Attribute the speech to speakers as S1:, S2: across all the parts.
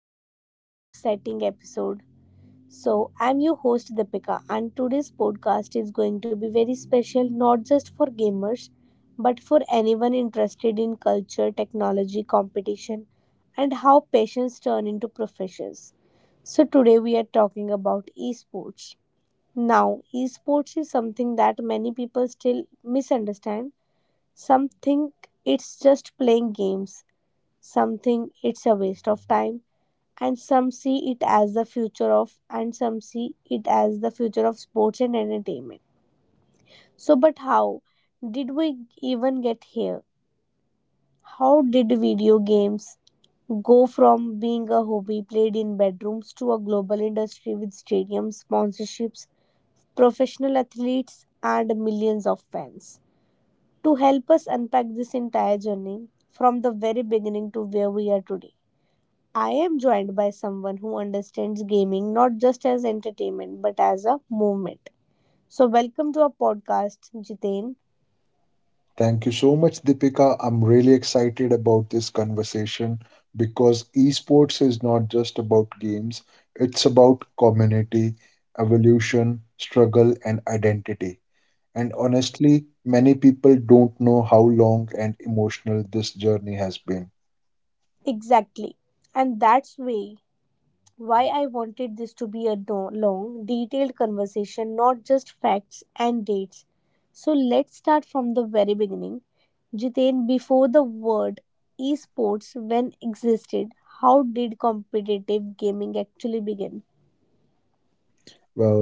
S1: another deep and exciting episode. So, I'm your host Deepika, and today's podcast is going to be very special not just for gamers but for anyone interested in culture, technology, competition, and how passions turn into professions. So, today we are talking about esports. Now, esports is something that many people still misunderstand. Some think it's just playing games, some think it's a waste of time, and some see it as the future of, and some see it as the future of sports and entertainment. So, but how did we even get here? How did video games go from being a hobby played in bedrooms to a global industry with stadiums, sponsorships, professional athletes, and millions of fans? To help us unpack this entire journey from the very beginning to where we are today, I am joined by someone who understands gaming not just as entertainment but as a movement. So, welcome to our podcast, Jiten.
S2: Thank you so much, Deepika. I'm really excited about this conversation because esports is not just about games, it's about community, evolution, struggle, and identity. And honestly, many people don't know how long and emotional this journey has been.
S1: Exactly. And that's way why I wanted this to be a long, detailed conversation, not just facts and dates. So, let's start from the very beginning. Jiten, before the word esports when existed, how did competitive gaming actually begin?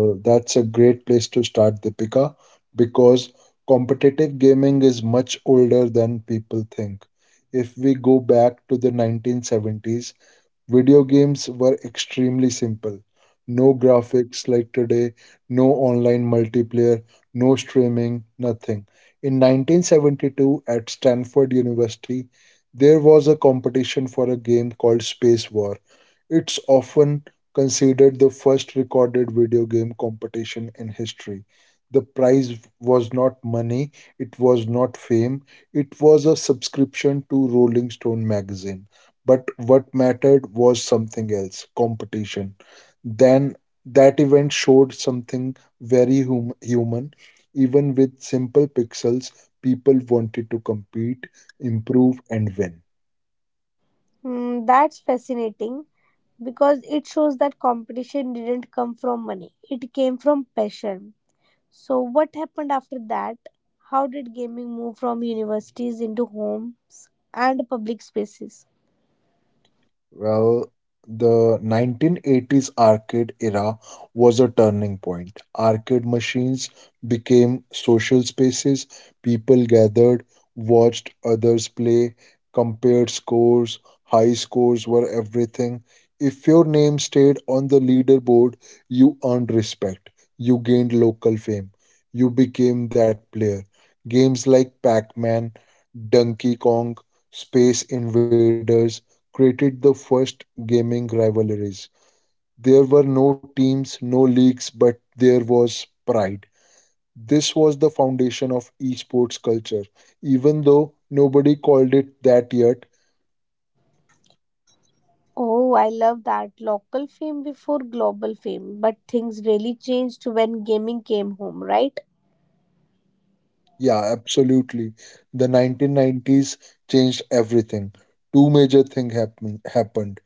S2: Well, that's a great place to start, Deepika, because competitive gaming is much older than people think. If we go back to the 1970s, video games were extremely simple. No graphics like today, no online multiplayer, no streaming, nothing. In 1972, at Stanford University, there was a competition for a game called Space War. It's often considered the first recorded video game competition in history. The prize was not money, it was not fame, it was a subscription to Rolling Stone magazine. But what mattered was something else: competition. Then that event showed something very human. Even with simple pixels, people wanted to compete, improve, and win.
S1: That's fascinating because it shows that competition didn't come from money, it came from passion. So, what happened after that? How did gaming move from universities into homes and public spaces?
S2: Well, the 1980s arcade era was a turning point. Arcade machines became social spaces. People gathered, watched others play, compared scores. High scores were everything. If your name stayed on the leaderboard, you earned respect. You gained local fame. You became that player. Games like Pac Man, Donkey Kong, Space Invaders created the first gaming rivalries. There were no teams, no leagues, but there was pride. This was the foundation of esports culture, even though nobody called it that yet.
S1: Oh, I love that. Local fame before global fame. But things really changed when gaming came home, right?
S2: Yeah, absolutely. The 1990s changed everything. Two major things happened.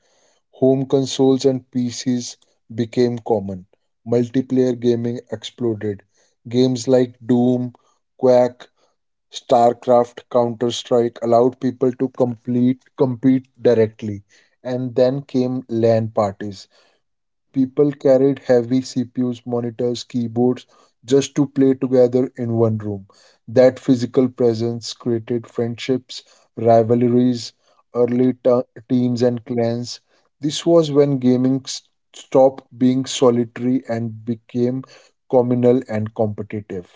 S2: Home consoles and PCs became common. Multiplayer gaming exploded. Games like Doom, Quake, StarCraft, Counter Strike allowed people to complete compete directly. And then came LAN parties. People carried heavy CPUs, monitors, keyboards just to play together in one room. That physical presence created friendships, rivalries, early ta- teams, and clans. This was when stopped being solitary and became communal and competitive.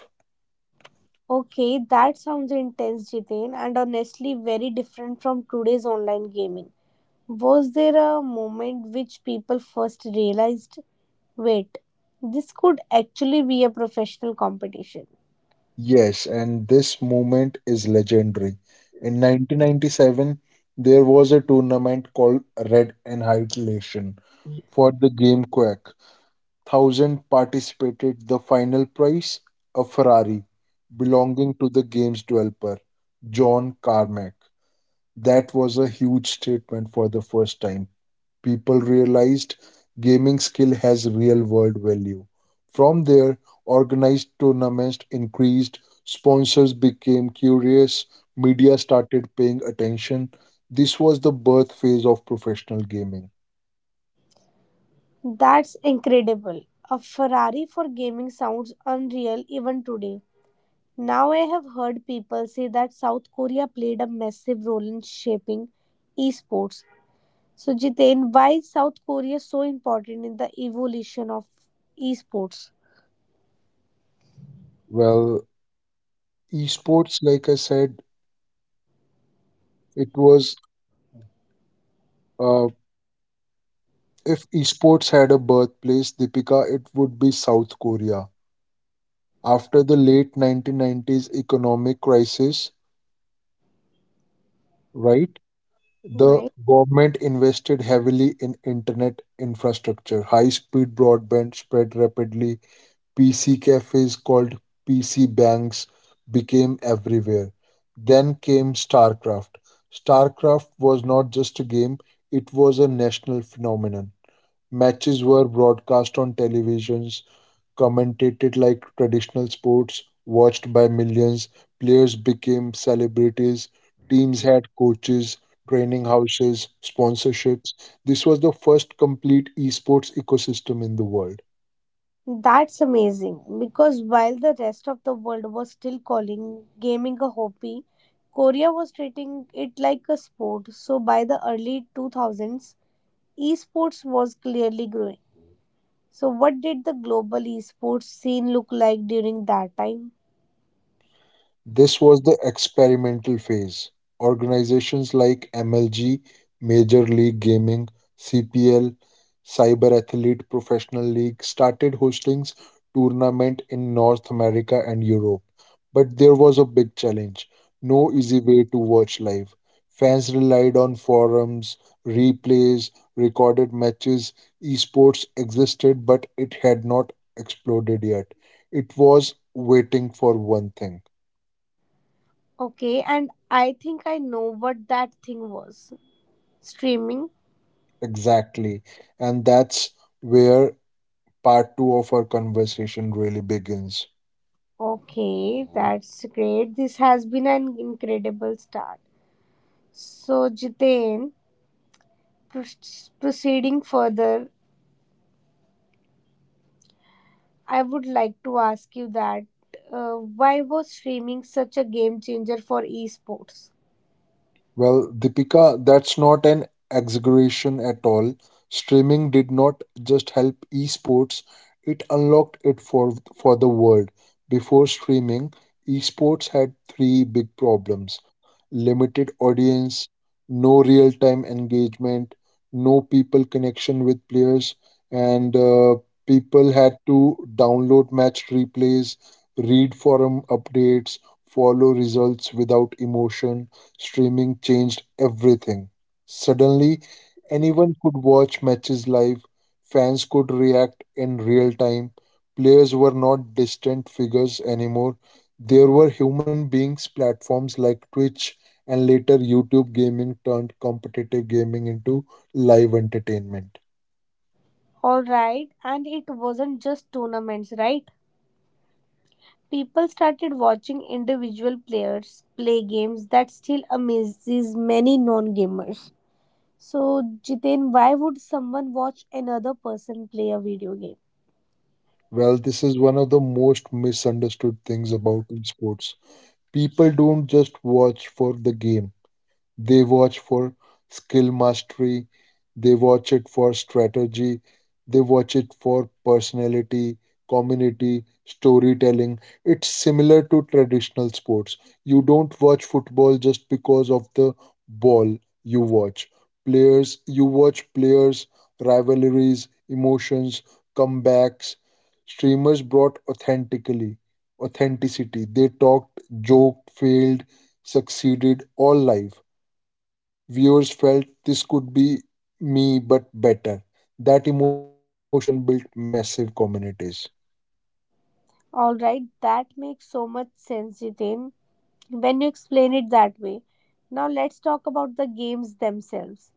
S1: Okay, that sounds intense, Jiten, and honestly very different from today's online gaming. Was there a moment which people first realized, wait, this could actually be a professional competition?
S2: Yes, and this moment is legendary. In 1997, there was a tournament called Red Annihilation for the game Quack. Thousand participated. The final prize, a Ferrari belonging to the game's developer, John Carmack. That was a huge statement. For the first time people realized gaming skill has real world value. From there, organized tournaments increased, sponsors became curious, media started paying attention. This was the birth phase of professional gaming.
S1: That's incredible. A Ferrari for gaming sounds unreal even today. Now I have heard people say that South Korea played a massive role in shaping esports. So Jiten, why is South Korea so important in the evolution of esports?
S2: Well, esports, like I said, it was uh, if esports had a birthplace, Deepika, it would be South Korea. After the late 1990s economic crisis, right? The
S1: Right.
S2: government invested heavily in internet infrastructure. High speed broadband spread rapidly. PC cafes called PC banks became everywhere. Then came StarCraft. StarCraft was not just a game, it was a national phenomenon. Matches were broadcast on televisions, commentated like traditional sports, watched by millions. Players became celebrities. Teams had coaches, training houses, sponsorships. This was the first complete esports ecosystem in the world.
S1: That's amazing because while the rest of the world was still calling gaming a hobby, Korea was treating it like a sport. So by the early 2000s, esports was clearly growing. So what did the global esports scene look like during that time?
S2: This was the experimental phase. Organizations like MLG, Major League Gaming, CPL, Cyber Athlete Professional League started hosting tournament in North America and Europe. But there was a big challenge. No easy way to watch live. Fans relied on forums, replays, recorded matches. Esports existed, but it had not exploded yet. It was waiting for one thing.
S1: Okay, and I think I know what that thing was. Streaming.
S2: Exactly. And that's where part two of our conversation really begins.
S1: Okay, that's great. This has been an incredible start. So, Jiten, proceeding further, I would like to ask you that why was streaming such a game changer for esports?
S2: Well, Deepika, that's not an exaggeration at all. Streaming did not just help esports, it unlocked it for the world. Before streaming, esports had three big problems: limited audience, no real time engagement, no people connection with players, and people had to download match replays, read forum updates, follow results without emotion. Streaming changed everything. Suddenly, anyone could watch matches live, fans could react in real time, players were not distant figures anymore. There were human beings. Platforms like Twitch and later YouTube gaming turned competitive gaming into live entertainment.
S1: All right, and it wasn't just tournaments, right? People started watching individual players play games that still amazes many non gamers. So, Jiten, why would someone watch another person play a video game?
S2: Well, this is one of the most misunderstood things about esports. People don't just watch for the game. They watch for skill mastery, they watch it for strategy, they watch it for personality, community, storytelling. It's similar to traditional sports. You don't watch football just because of the ball you watch. Players, you watch players, rivalries, emotions, comebacks. Streamers brought authentically authenticity. They talked, joked, failed, succeeded all life. Viewers felt this could be me but better. That emotional connection built massive communities.
S1: All right, that makes so much sense, Jiten, when you explain it that way. Now let's talk about the games themselves.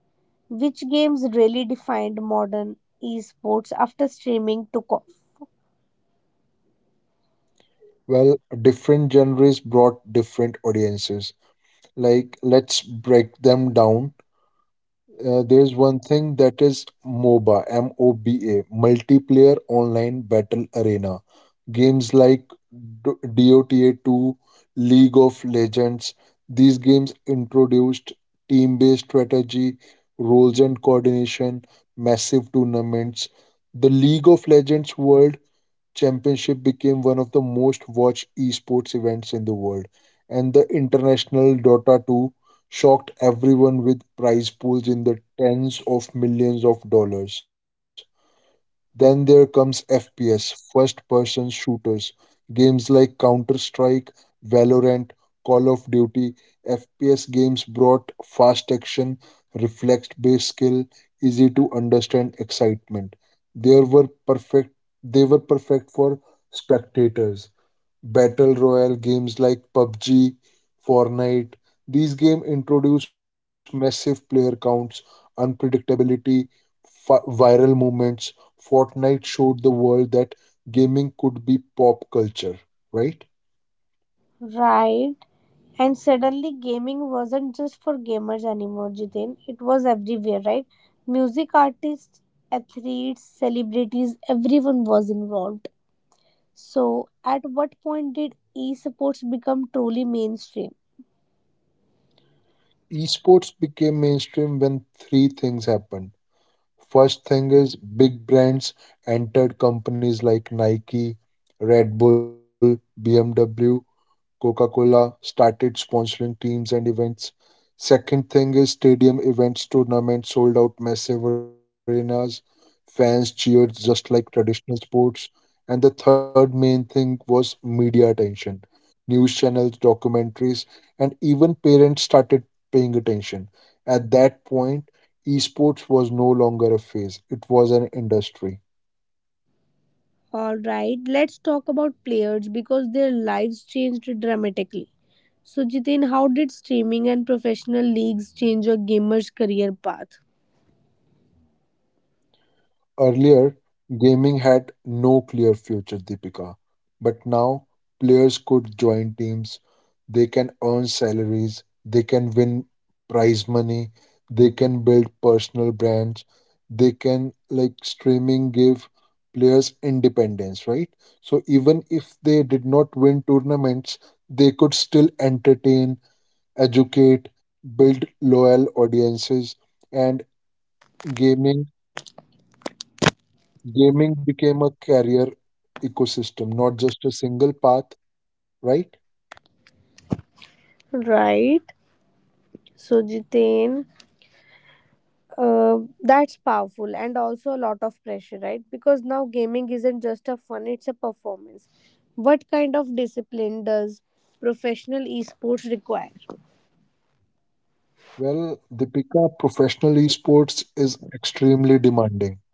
S1: Which games really defined modern esports after streaming took off?
S2: Well, different genres brought different audiences. Like, let's break them down. There's one thing that is MOBA, M O B A, Multiplayer Online Battle Arena. Games like DOTA 2, League of Legends, these games introduced team based strategy, roles and coordination, massive tournaments. The League of Legends world Championship became one of the most watched esports events in the world, and the international Dota 2 shocked everyone with prize pools in the tens of millions of dollars. Then there comes FPS, first person shooters, games like Counter Strike, Valorant, Call of Duty. FPS games brought fast action, reflex based skill, easy to understand excitement. There were perfect They were perfect for spectators. Battle royale games like PUBG, Fortnite. These games introduce massive player counts, unpredictability, viral movements. Fortnite showed the world that gaming could be pop culture, right?
S1: Right. And suddenly gaming wasn't just for gamers anymore, Jitin. It was everywhere, right? Music artists, athletes, celebrities, everyone was involved. So at what point did esports become truly mainstream?
S2: Esports became mainstream when three things happened. First thing is big brands entered. Companies like Nike, Red Bull, BMW, Coca Cola started sponsoring teams and events. Second thing is stadium events, tournaments sold out massive arenas. Fans cheered just like traditional sports. And the third main thing was media attention. News channels, documentaries, and even parents started paying attention. At that point, esports was no longer a phase, it was an industry.
S1: All right, let's talk about players because their lives changed dramatically. So, Jitin, how did streaming and professional leagues change a gamer's career path?
S2: Earlier, gaming had no clear future, Deepika. But now, players could join teams, they can earn salaries, they can win prize money, they can build personal brands, they can, like, streaming give players independence, right? So, even if they did not win tournaments, they could still entertain, educate, build loyal audiences, and gaming Gaming became a career ecosystem, not just a single path, right?
S1: Right. So, Jitain, uh, that's powerful and also a lot of pressure, right? Because now gaming isn't just a fun, it's a performance. What kind of discipline does professional esports require?
S2: Well, Deepika, professional esports is extremely demanding.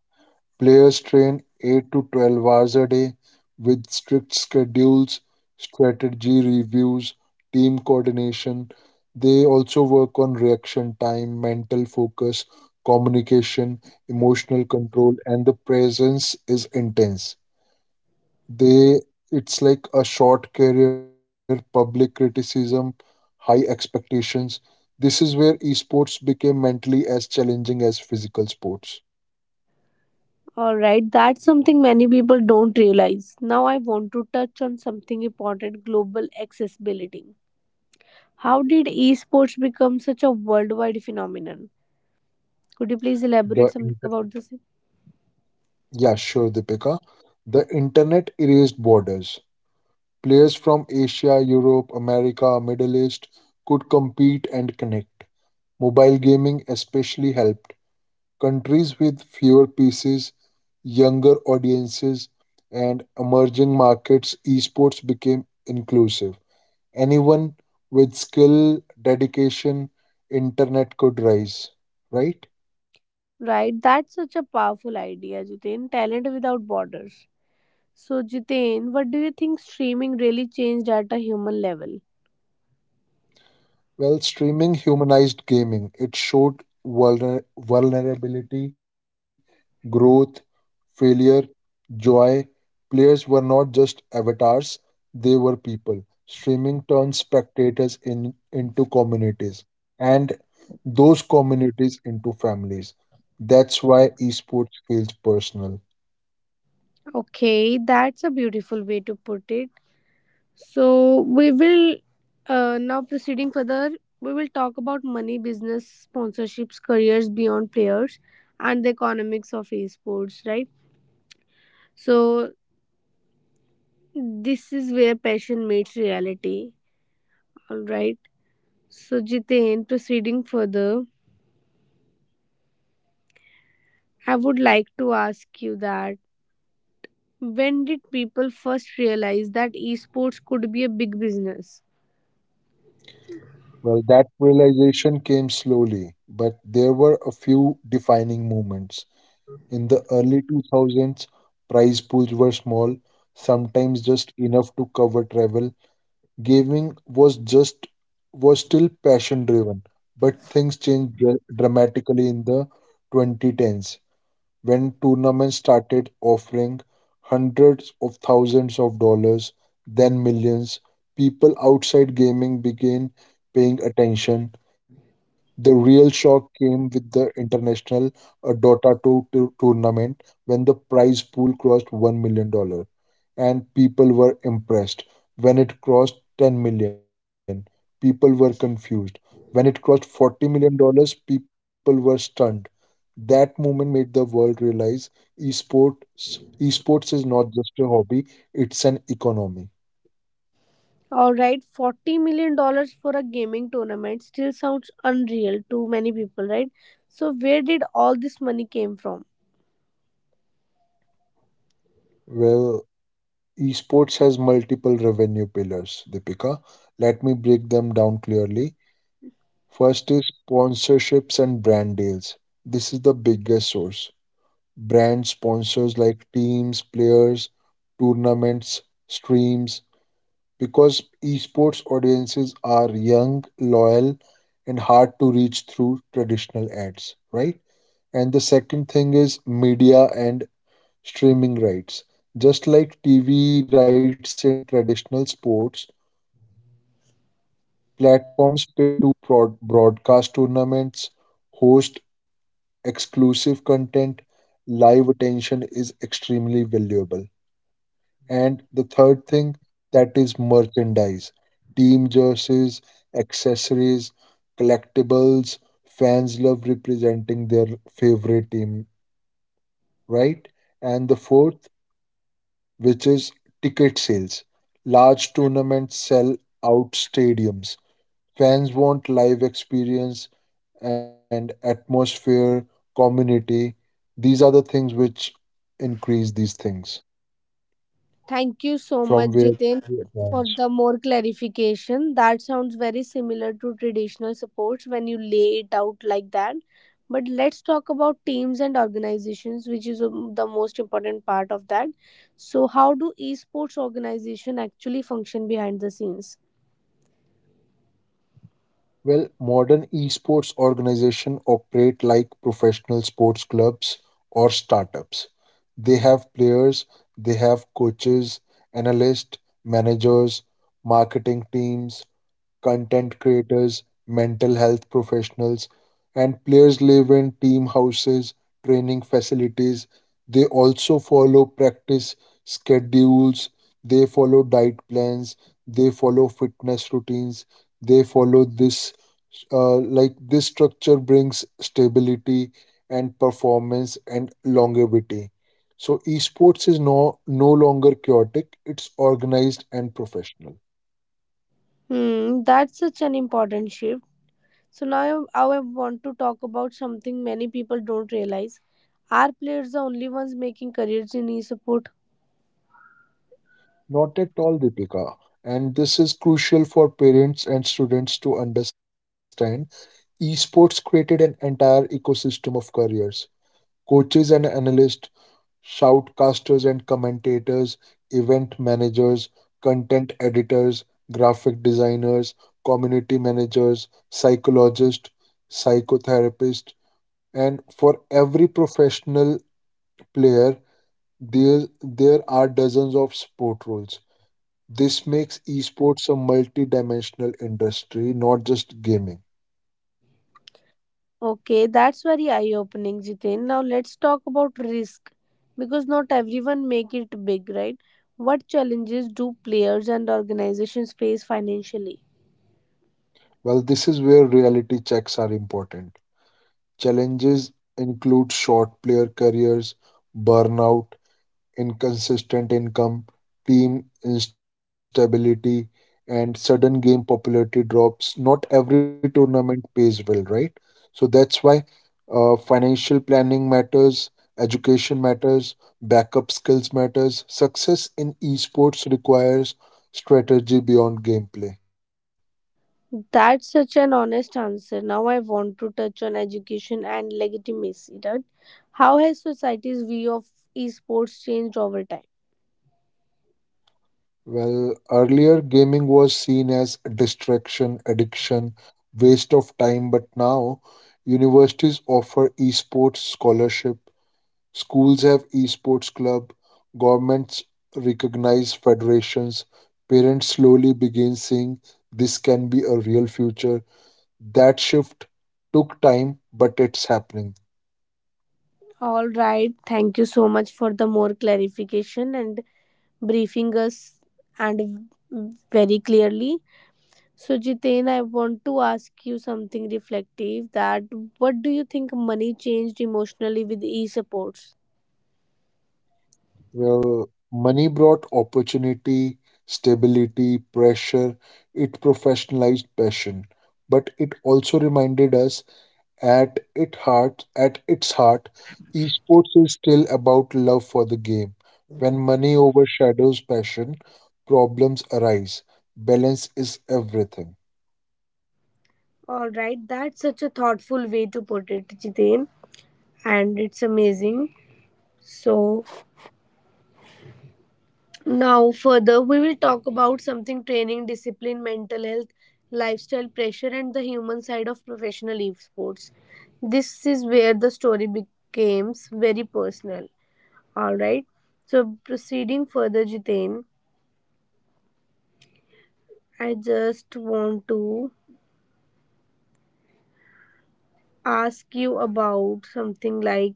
S2: Players train 8 to 12 hours a day with strict schedules, strategy reviews, team coordination. They also work on reaction time, mental focus, communication, emotional control, and the presence is intense. They it's like a short career, public criticism, high expectations. This is where esports became mentally as challenging as physical sports.
S1: All right, that's something many people don't realize. Now, I want to touch on something important, global accessibility. How did esports become such a worldwide phenomenon? Could you please elaborate
S2: The
S1: something
S2: inter-
S1: about this?
S2: yeah, sure, Deepika. The internet erased borders. Players from Asia, Europe, America, Middle East could compete and connect. Mobile gaming especially helped countries with fewer pieces, younger audiences, and emerging markets. Esports became inclusive. Anyone with skill, dedication, internet could rise, right?
S1: Right, that's such a powerful idea, Jitain. Talent without borders. So, Jitain, what do you think streaming really changed at a human level?
S2: Well, streaming humanized gaming. It showed vulnerability, growth, failure, joy. Players were not just avatars, they were people. Streaming turned spectators into communities and those communities into families. That's why esports feels personal.
S1: Okay, that's a beautiful way to put it. So we will, now proceeding further. We will talk about money, business, sponsorships, careers beyond players, and the economics of esports. Right. So this is where passion meets reality. All right. So Jiten, proceeding further, I would like to ask you that when did people first realize that esports could be a big business?
S2: Well, that realization came slowly, but there were a few defining moments. In the early 2000s, prize pools were small, sometimes just enough to cover travel. Gaming was still passion driven, but things changed dramatically in the 2010s when tournaments started offering hundreds of thousands of dollars, then millions. People outside gaming began paying attention. The real shock came with the international Dota 2 tournament when the prize pool crossed $1 million. Dollars and people were impressed. When it crossed 10 million, people were confused. When it crossed 40 million dollars, people were stunned. That moment made the world realize esports esports is not just a hobby, it's an economy.
S1: All right, $40 million for a gaming tournament still sounds unreal to many people, right? So, where did all this money came from?
S2: Well, esports has multiple revenue pillars, Deepika. Let me break them down clearly. First is sponsorships and brand deals. This is the biggest source. Brand sponsors like teams, players, tournaments, streams, because esports audiences are young, loyal, and hard to reach through traditional ads, right? And the second thing is media and streaming rights. Just like TV rights in traditional sports, platforms pay to broadcast tournaments, host exclusive content, live attention is extremely valuable. And the third thing, that is merchandise: team jerseys, accessories, collectibles. Fans love representing their favorite team, right? And the fourth, which is ticket sales. Large tournaments sell out stadiums. Fans want live experience and atmosphere, community. These are the things which increase these things
S1: Thank you so much,
S2: from where
S1: Jiten,
S2: we
S1: for
S2: advance.
S1: the more clarification. That sounds very similar to traditional supports when you lay it out like that. But let's talk about teams and organizations, which is, the most important part of that. So, how do esports organization actually function behind the scenes?
S2: Well, modern esports organizations operate like professional sports clubs or startups. They have players, they have coaches, analysts, managers, marketing teams, content creators, mental health professionals, and players live in team houses, training facilities. They also follow practice schedules, they follow diet plans, they follow fitness routines, they follow this. Like this structure brings stability and performance and longevity. So esports is no longer chaotic, it's organized and professional.
S1: Hmm, that's such an important shift. So now I want to talk about something many people don't realize. Are players the only ones making careers in e-sport?
S2: Not at all, Deepika. And this is crucial for parents and students to understand. Esports created an entire ecosystem of careers: coaches and analysts, shoutcasters and commentators, event managers, content editors, graphic designers, community managers, psychologists, psychotherapists, and for every professional player, there are dozens of sport roles. This makes esports a multi-dimensional industry, not just gaming.
S1: Okay, that's very eye-opening, Jitin. Now let's talk about risk because not everyone make it big, right? What challenges do players and organizations face financially?
S2: Well, this is where reality checks are important. Challenges include short player careers, burnout, inconsistent income, team instability, and sudden game popularity drops. Not every tournament pays well, right? So that's why financial planning matters, education matters, backup skills matters. Success in esports requires strategy beyond gameplay.
S1: That's such an honest answer. Now I want to touch on education and legitimacy, right? How has society's view of esports changed over time?
S2: Well, earlier gaming was seen as distraction, addiction, waste of time, but now universities offer esports scholarship, schools have esports club, governments recognize federations, parents slowly begin seeing this can be a real future. That shift took time, but it's happening.
S1: All right. Thank you so much for the more clarification and briefing us and very clearly. So Jiten, I want to ask you something reflective, that what do you think money changed emotionally with e-supports?
S2: Well, money brought opportunity, stability, pressure, it professionalized passion, but it also reminded us at its heart, esports is still about love for the game. When money overshadows passion, problems arise. Balance is everything.
S1: All right, that's such a thoughtful way to put it, Jiten, and it's amazing. So now, further, we will talk about something, training, discipline, mental health, lifestyle pressure, and the human side of professional esports. This is where the story becomes very personal. All right. So, proceeding further, Jitain, I just want to ask you about something like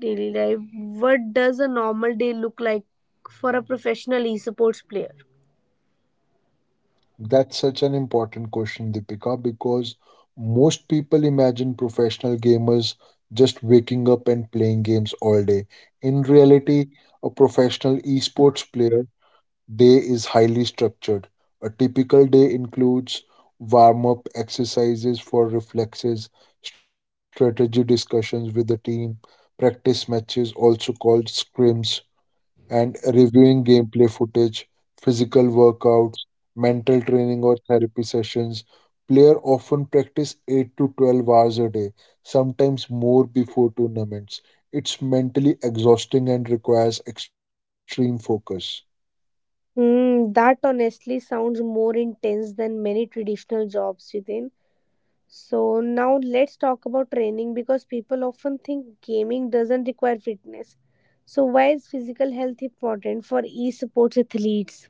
S1: daily life. What does a normal day look like for a professional esports player?
S2: That's such an important question, Deepika, because most people imagine professional gamers just waking up and playing games all day. In reality, a professional esports player day is highly structured. A typical day includes warm up exercises for reflexes, strategy discussions with the team, practice matches, also called scrims, and reviewing gameplay footage, physical workouts, mental training, or therapy sessions. Player often practice 8 to 12 hours a day, sometimes more before tournaments. It's mentally exhausting and requires extreme focus.
S1: That honestly sounds more intense than many traditional jobs, Jitin. So now let's talk about training because people often think gaming doesn't require fitness. So why is physical health important for e-sports athletes?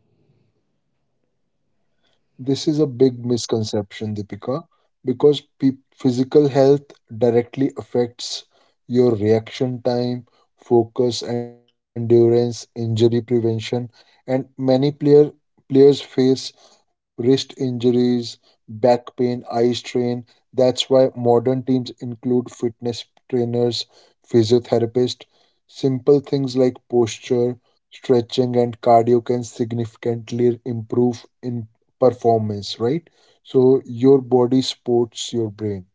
S2: This is a big misconception, Deepika, because physical health directly affects your reaction time, focus, endurance, injury prevention, and many player players face wrist injuries, back pain, eye strain. That's why modern teams include fitness trainers, physiotherapists. Simple things like posture, stretching, and cardio can significantly improve in performance, right? So your body supports your brain.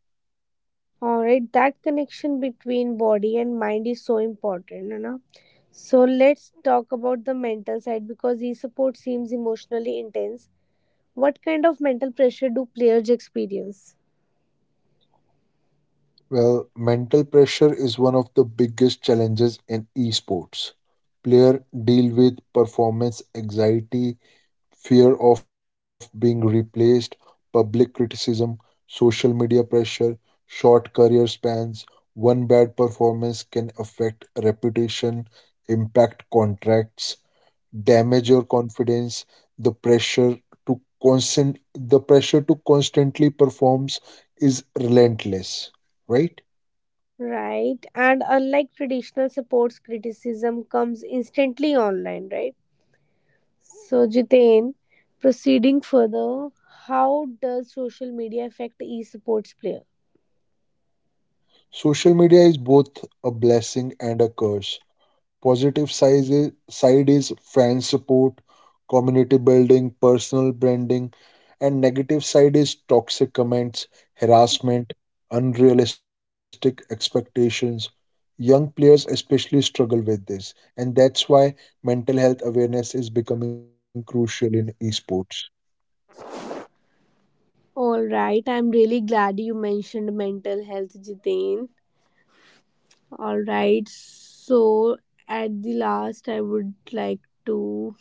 S1: All right, that connection between body and mind is so important, you know. So let's talk about the mental side because e-sports seems emotionally intense. What kind of mental pressure do players experience?
S2: Well, mental pressure is one of the biggest challenges in esports. Player deal with performance anxiety, fear of being replaced, public criticism, social media pressure, short career spans. One bad performance can affect reputation, impact contracts, damage your confidence. The pressure to constant the pressure to constantly performs is relentless, right?
S1: Right. And unlike traditional supports, criticism comes instantly online, right? So, Jitain, proceeding further, how does social media affect e sports player?
S2: Social media is both a blessing and a curse. Positive side is, fan support, community building, personal branding, and negative side is toxic comments, harassment, unrealistic expectations. Young players especially struggle with this, and that's why mental health awareness is becoming crucial in esports.
S1: All right. I'm really glad you mentioned mental health, Jitain. All right. So, at the last, I would to.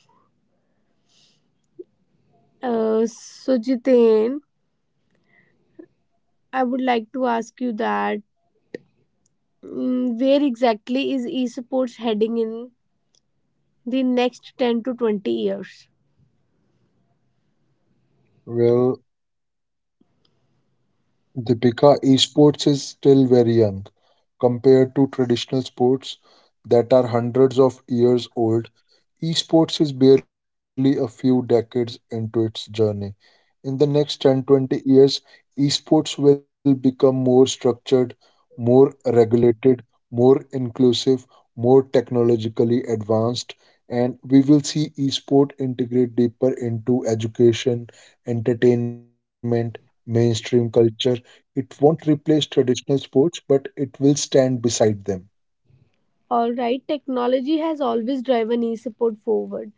S1: Jitain, I would like to ask you that where exactly is esports heading in the next 10 to 20 years.
S2: Well, Deepika, esports is still very young compared to traditional sports that are hundreds of years old. Esports is barely a few decades into its journey. In the next 10, 20 years, esports will become more structured, more regulated, more inclusive, more technologically advanced, and we will see esport integrate deeper into education, entertainment, mainstream culture. It won't replace traditional sports, but it will stand beside them.
S1: Alright, technology has always driven e support forward.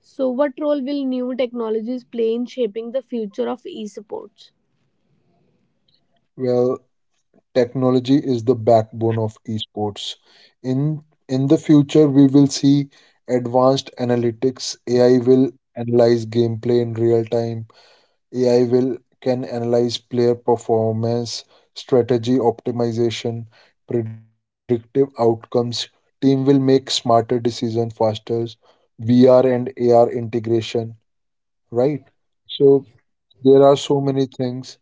S1: So, what role will new technologies play in shaping the future of e sports?
S2: Well, technology is the backbone of esports. In in the future, we will see advanced analytics. AI will analyze gameplay in real time. AI will can analyze player performance, strategy optimization, predictive outcomes. Team will make smarter decisions faster. VR and AR integration, right? So there are so many things.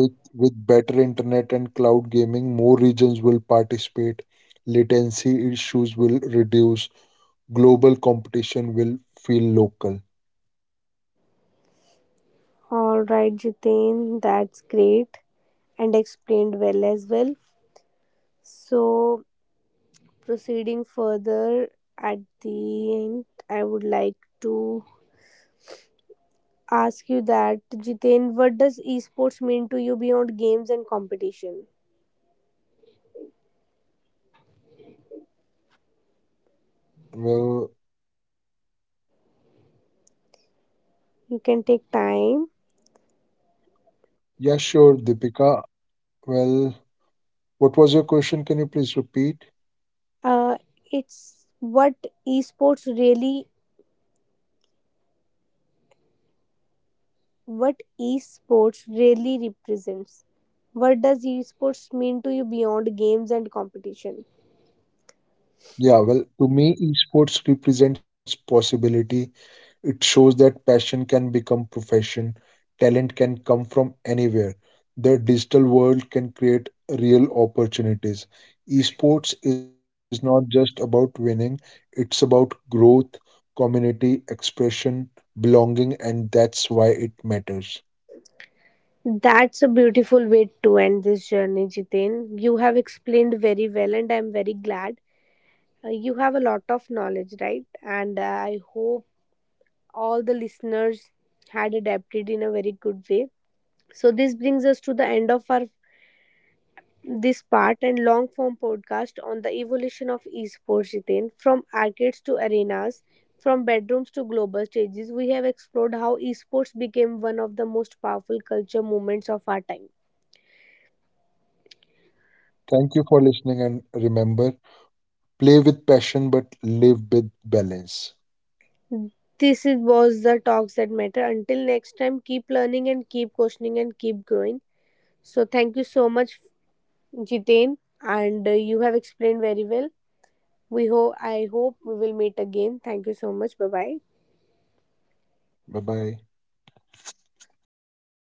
S2: With better internet and cloud gaming, more regions will participate, latency issues will reduce, global competition will feel local.
S1: All right, Jitain, that's great and explained well as well. So, proceeding further at the end, I would like to ask you that Jitain, what does esports mean to you beyond games and competition?
S2: Well,
S1: You can take time.
S2: yeah, sure, Deepika. Well, what was your question? Can you please repeat?
S1: Uh, it's what esports really What esports really represents, what does esports mean to you beyond games and competition?
S2: Yeah, well, to me, esports represents possibility. It shows that passion can become profession, talent can come from anywhere. The digital world can create real opportunities. Esports is not just about winning, it's about growth, community, expression, belonging, and that's why it matters.
S1: That's a beautiful way to end this journey, Jiten. You have explained very well and I'm very glad. You have a lot of knowledge, right? and I hope all the listeners had adapted in a very good way. So this brings us to the end of our this part and long form podcast on the evolution of esports, Jiten, from arcades to arenas, from bedrooms to global stages. We have explored how esports became one of the most powerful culture movements of our time.
S2: Thank you for listening, and remember, play with passion but live with balance.
S1: Was the talks that matter. Until next time, keep learning and keep questioning and keep growing. So thank you so much, Jitain, and you have explained very well. We hope I hope we will meet again. Thank you so much. Bye bye.
S2: Bye bye.